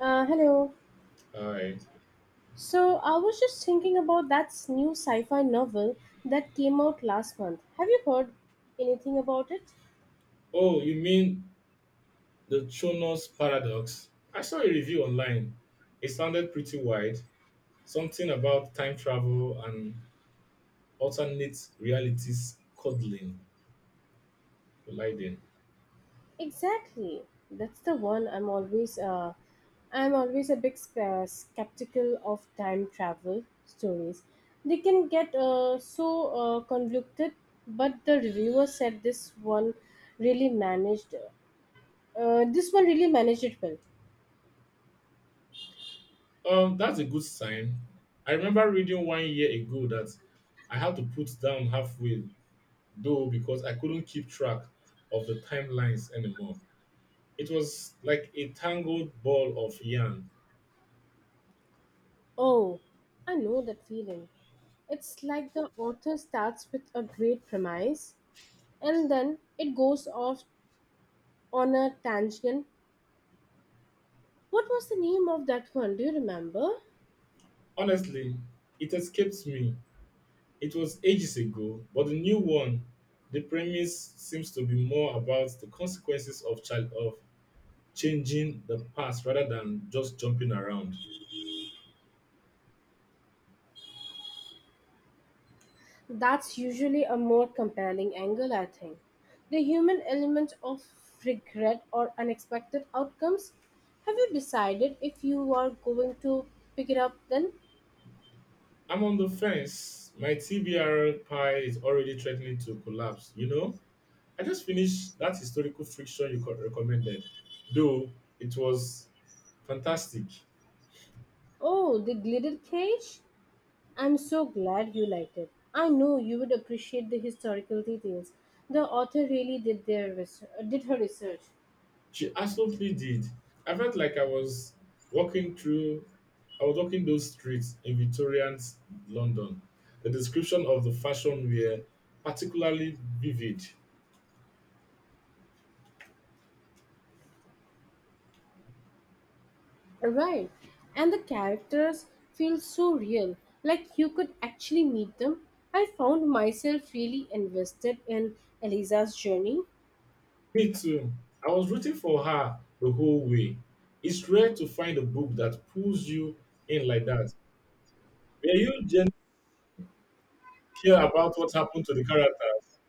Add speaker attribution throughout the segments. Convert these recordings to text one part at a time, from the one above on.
Speaker 1: Hello.
Speaker 2: All right.
Speaker 1: So I was just thinking about that new sci-fi novel that came out last month. Have you heard anything about it?
Speaker 2: Oh, you mean the Chonos paradox? I saw a review online. It sounded pretty wide. Something about time travel and alternate realities colliding.
Speaker 1: Exactly. That's the one I'm always a big skeptical of time travel stories. They can get so convoluted, but the reviewer said this one really managed. This one really managed it well.
Speaker 2: That's a good sign. I remember reading 1 year ago that I had to put down halfway, though, because I couldn't keep track of the timelines anymore. It was like a tangled ball of yarn.
Speaker 1: Oh, I know that feeling. It's like the author starts with a great premise and then it goes off on a tangent. What was the name of that one? Do you remember?
Speaker 2: Honestly, it escapes me. It was ages ago, but the new one, the premise seems to be more about the consequences of child of changing the past rather than just jumping around.
Speaker 1: That's usually a more compelling angle, I think. The human element of regret or unexpected outcomes. Have you decided if you are going to pick it up then?
Speaker 2: I'm on the fence. My TBR pie is already threatening to collapse. I just finished that historical fiction you recommended, though it was fantastic.
Speaker 1: Oh, the Glitter Cage? I'm so glad you liked it. I know you would appreciate the historical details. The author really did their did her research.
Speaker 2: She absolutely did. I felt like walking through, I was walking those streets in Victorian London. The description of the fashion were particularly vivid.
Speaker 1: Right. And the characters feel so real, like you could actually meet them. I found myself really invested in Eliza's journey.
Speaker 2: Me too. I was rooting for her the whole way. It's rare to find a book that pulls you in like that. Were you genuinely care about what happened to the characters?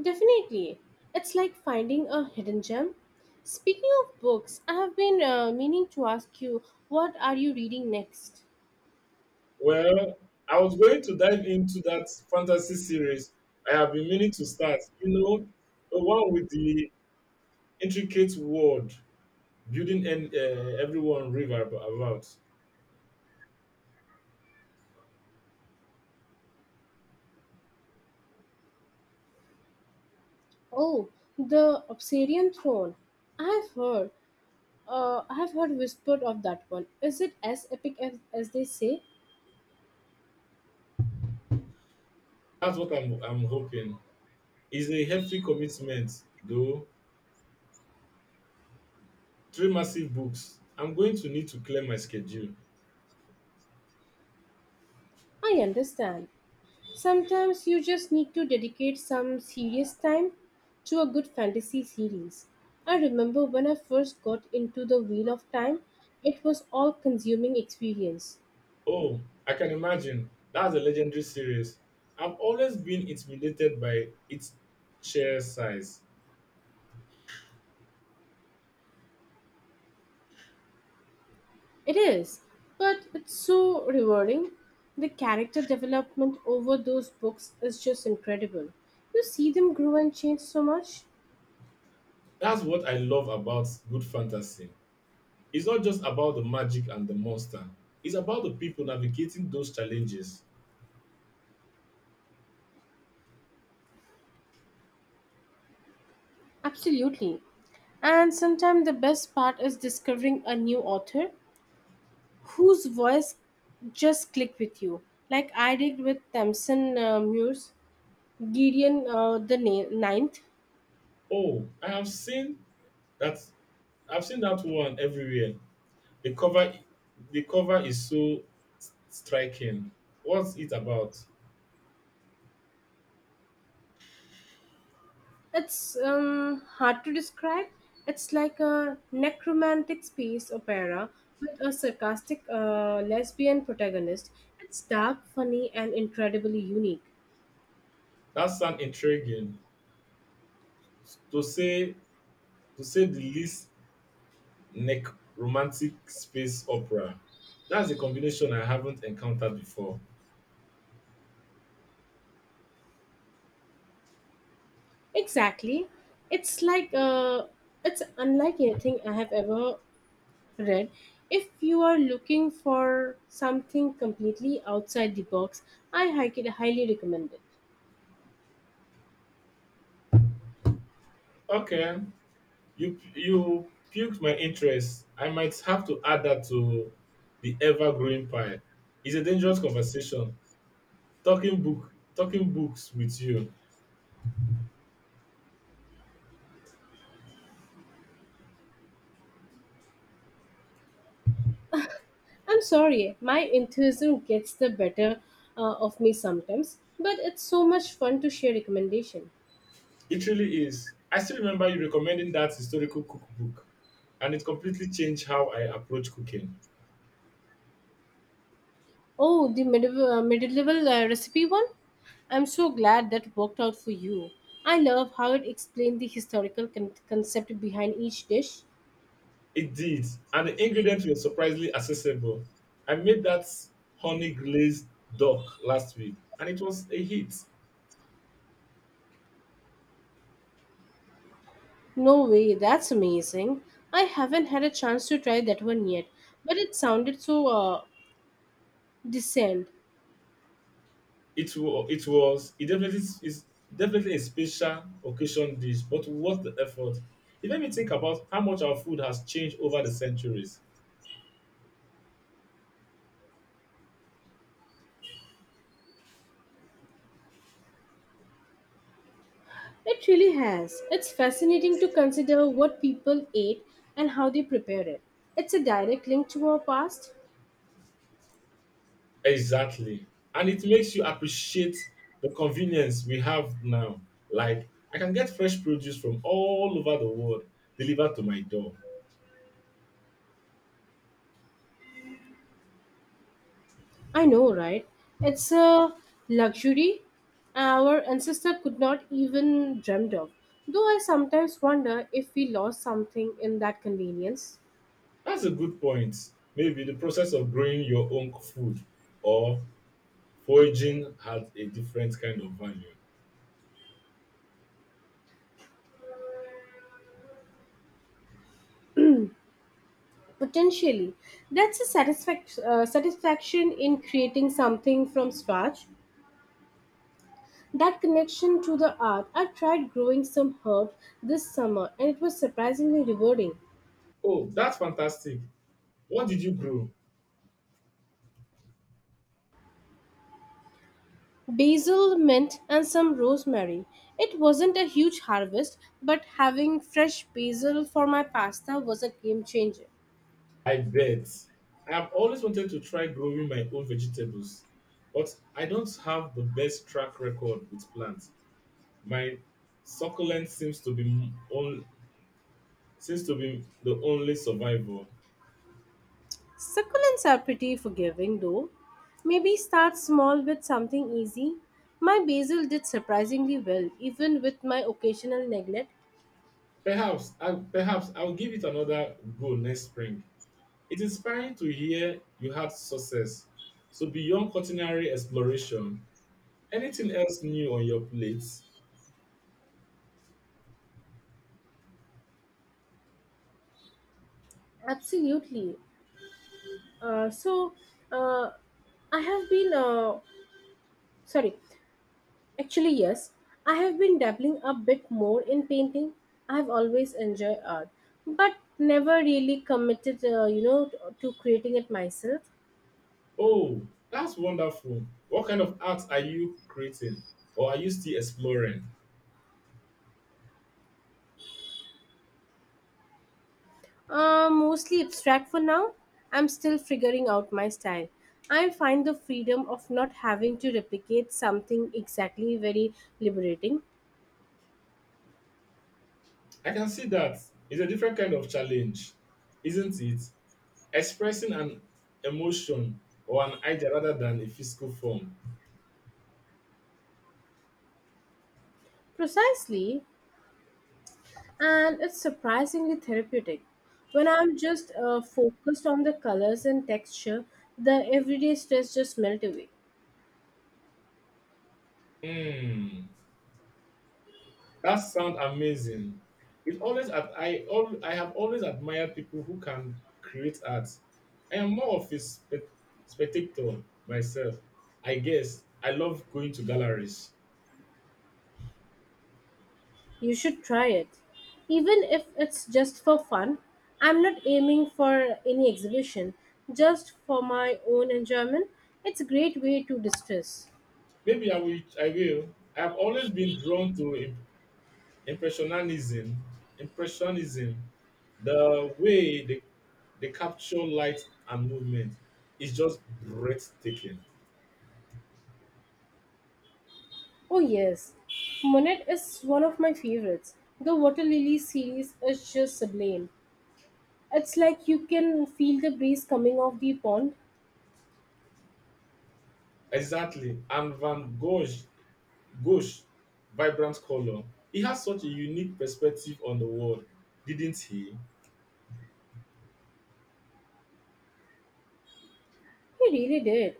Speaker 1: Definitely. It's like finding a hidden gem. Speaking of books, I have been meaning to ask you, what are you reading next?
Speaker 2: Well, I was going to dive into that fantasy series I have been meaning to start. The one with the intricate world building and everyone about.
Speaker 1: Oh, the Obsidian Throne. I have heard. I have heard whispered of that one. Is it as epic as they say?
Speaker 2: That's what I'm hoping. It's a hefty commitment, though. Three massive books. I'm going to need to clear my schedule.
Speaker 1: I understand. Sometimes you just need to dedicate some serious time to a good fantasy series. I remember when I first got into the Wheel of Time, it was all consuming experience.
Speaker 2: Oh, I can imagine. That's a legendary series. I've always been intimidated by its sheer size.
Speaker 1: It is, but it's so rewarding. The character development over those books is just incredible. You see them grow and change so much.
Speaker 2: That's what I love about good fantasy. It's not just about the magic and the monster. It's about the people navigating those challenges.
Speaker 1: Absolutely. And sometimes the best part is discovering a new author whose voice just click with you. Like I did with Tamsin Muir's Gideon Ninth.
Speaker 2: Oh, I have seen that. I've seen that one everywhere. The cover, the cover is so striking. What's it about?
Speaker 1: It's hard to describe. It's like a necromantic space opera with a sarcastic lesbian protagonist. It's dark, funny, and incredibly unique.
Speaker 2: That sounds intriguing. To say, to say the least, neck romantic space opera. That's a combination I haven't encountered before.
Speaker 1: Exactly. It's like it's unlike anything I have ever read. If you are looking for something completely outside the box, I highly highly recommend it.
Speaker 2: Okay, you piqued my interest. I might have to add that to the ever growing pie. It's a dangerous conversation, talking books with you.
Speaker 1: I'm sorry, my enthusiasm gets the better of me sometimes, but it's so much fun to share recommendation.
Speaker 2: It really is. I still remember you recommending that historical cookbook and it completely changed how I approach cooking.
Speaker 1: Oh, the medieval recipe one? I'm so glad that worked out for you. I love how it explained the historical concept behind each dish.
Speaker 2: It did. And the ingredients were surprisingly accessible. I made that honey glazed duck last week and it was a hit.
Speaker 1: No way, that's amazing. I haven't had a chance to try that one yet, but it sounded so decent.
Speaker 2: It definitely is definitely a special occasion dish, but what the effort. It made me think about how much our food has changed over the centuries.
Speaker 1: It really has. It's fascinating to consider what people ate and how they prepared it. It's a direct link to our past.
Speaker 2: Exactly. And it makes you appreciate the convenience we have now. Like, I can get fresh produce from all over the world delivered to my door.
Speaker 1: I know, right? It's a luxury our ancestor could not even dreamt of. Though I sometimes wonder if we lost something in that convenience.
Speaker 2: That's a good point. Maybe the process of growing your own food or foraging has a different kind of value.
Speaker 1: Potentially, that's a satisfaction in creating something from scratch. That connection to the art, I tried growing some herbs this summer and it was surprisingly rewarding.
Speaker 2: Oh, that's fantastic. What did you grow?
Speaker 1: Basil, mint, and some rosemary. It wasn't a huge harvest, but having fresh basil for my pasta was a game changer.
Speaker 2: I bet. I have always wanted to try growing my own vegetables, but I don't have the best track record with plants. My succulent seems to be m- on, seems to be the only survivor.
Speaker 1: Succulents are pretty forgiving though. Maybe start small with something easy. My basil did surprisingly well, even with my occasional neglect.
Speaker 2: Perhaps I'll give it another go next spring. It's inspiring to hear you had success. So beyond culinary exploration, anything else new on your plate?
Speaker 1: Absolutely. Uh, so, uh, I have sorry, yes, I have been dabbling a bit more in painting. I have always enjoyed art, but never really committed, to creating it myself.
Speaker 2: Oh, that's wonderful. What kind of art are you creating or are you still exploring?
Speaker 1: Mostly abstract for now. I'm still figuring out my style. I find the freedom of not having to replicate something exactly very liberating.
Speaker 2: I can see that. It's a different kind of challenge, isn't it? Expressing an emotion or an idea rather than a physical form.
Speaker 1: Precisely, and it's surprisingly therapeutic. When I'm just focused on the colors and texture, the everyday stress just melt away.
Speaker 2: Hmm, that sounds amazing. It always ad- I al- I have always admired people who can create art. I am more of a spectator myself. I guess I love going to galleries.
Speaker 1: You should try it. Even if it's just for fun, I'm not aiming for any exhibition, just for my own enjoyment. It's a great way to distress.
Speaker 2: Maybe I will. I will. I have always been drawn to Impressionism, impressionism, the way they capture light and movement is just breathtaking.
Speaker 1: Oh, yes, Monet is one of my favorites. The Water Lily series is just sublime. It's like you can feel the breeze coming off the pond.
Speaker 2: Exactly, and Van Gogh's Gosh, vibrant color. He has such a unique perspective on the world, didn't he?
Speaker 1: He really did.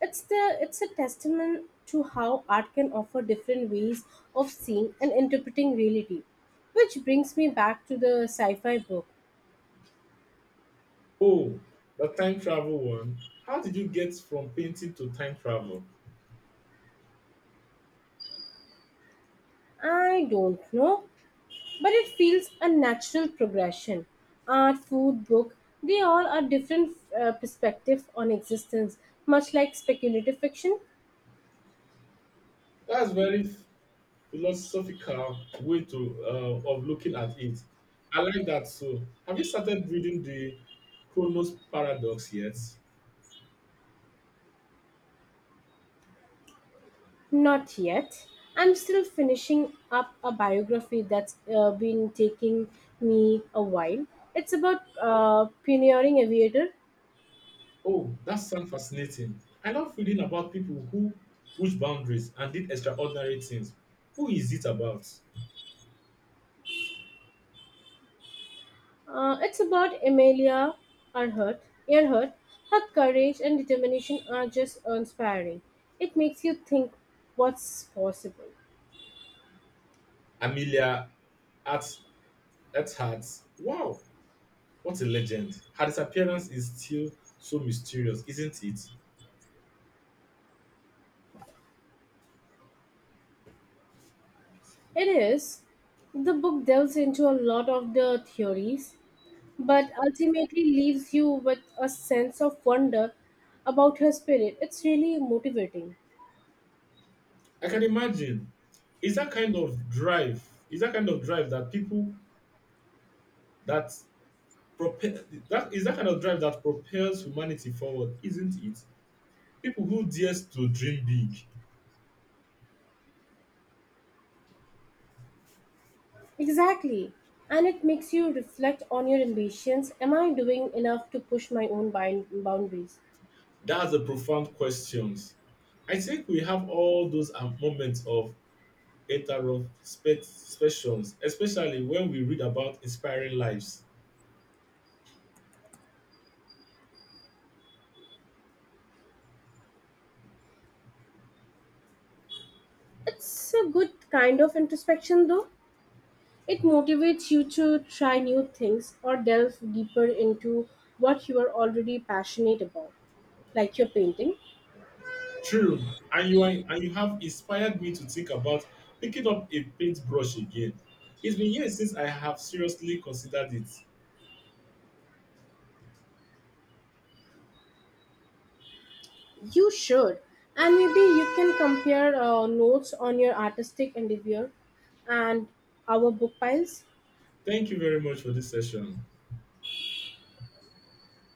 Speaker 1: It's the it's a testament to how art can offer different ways of seeing and interpreting reality. Which brings me back to the sci-fi book.
Speaker 2: Oh, the time travel one. How did you get from painting to time travel?
Speaker 1: I don't know, but it feels a natural progression. Art, food, book, they all are different perspective on existence, much like speculative fiction.
Speaker 2: That's very philosophical way to of looking at it. I like that. So, have you started reading the Chronos Paradox yet?
Speaker 1: Not yet. I'm still finishing up a biography that's been taking me a while. It's about pioneering aviator.
Speaker 2: Oh, that sounds fascinating. I love reading about people who push boundaries and did extraordinary things. Who is it about?
Speaker 1: It's about Amelia Earhart, Earhart. Her courage and determination are just inspiring. It makes you think what's possible.
Speaker 2: Amelia at Earhart. Wow, what a legend! Her disappearance is still so mysterious, isn't it?
Speaker 1: It is. The book delves into a lot of the theories but ultimately leaves you with a sense of wonder about her spirit. It's really motivating.
Speaker 2: I can imagine. It's that kind of drive. It's that kind of drive that people that Prope- that is that kind of drive that propels humanity forward, isn't it? People who dares to dream big.
Speaker 1: Exactly. And it makes you reflect on your ambitions. Am I doing enough to push my own boundaries?
Speaker 2: That's a profound questions. I think we have all those moments of introspections, especially when we read about inspiring lives.
Speaker 1: It's a good kind of introspection, though. It motivates you to try new things or delve deeper into what you are already passionate about, like your painting.
Speaker 2: True, and you have inspired me to think about picking up a paintbrush again. It's been years since I have seriously considered it.
Speaker 1: You should. And maybe you can compare notes on your artistic endeavor and our book piles.
Speaker 2: Thank you very much for this session.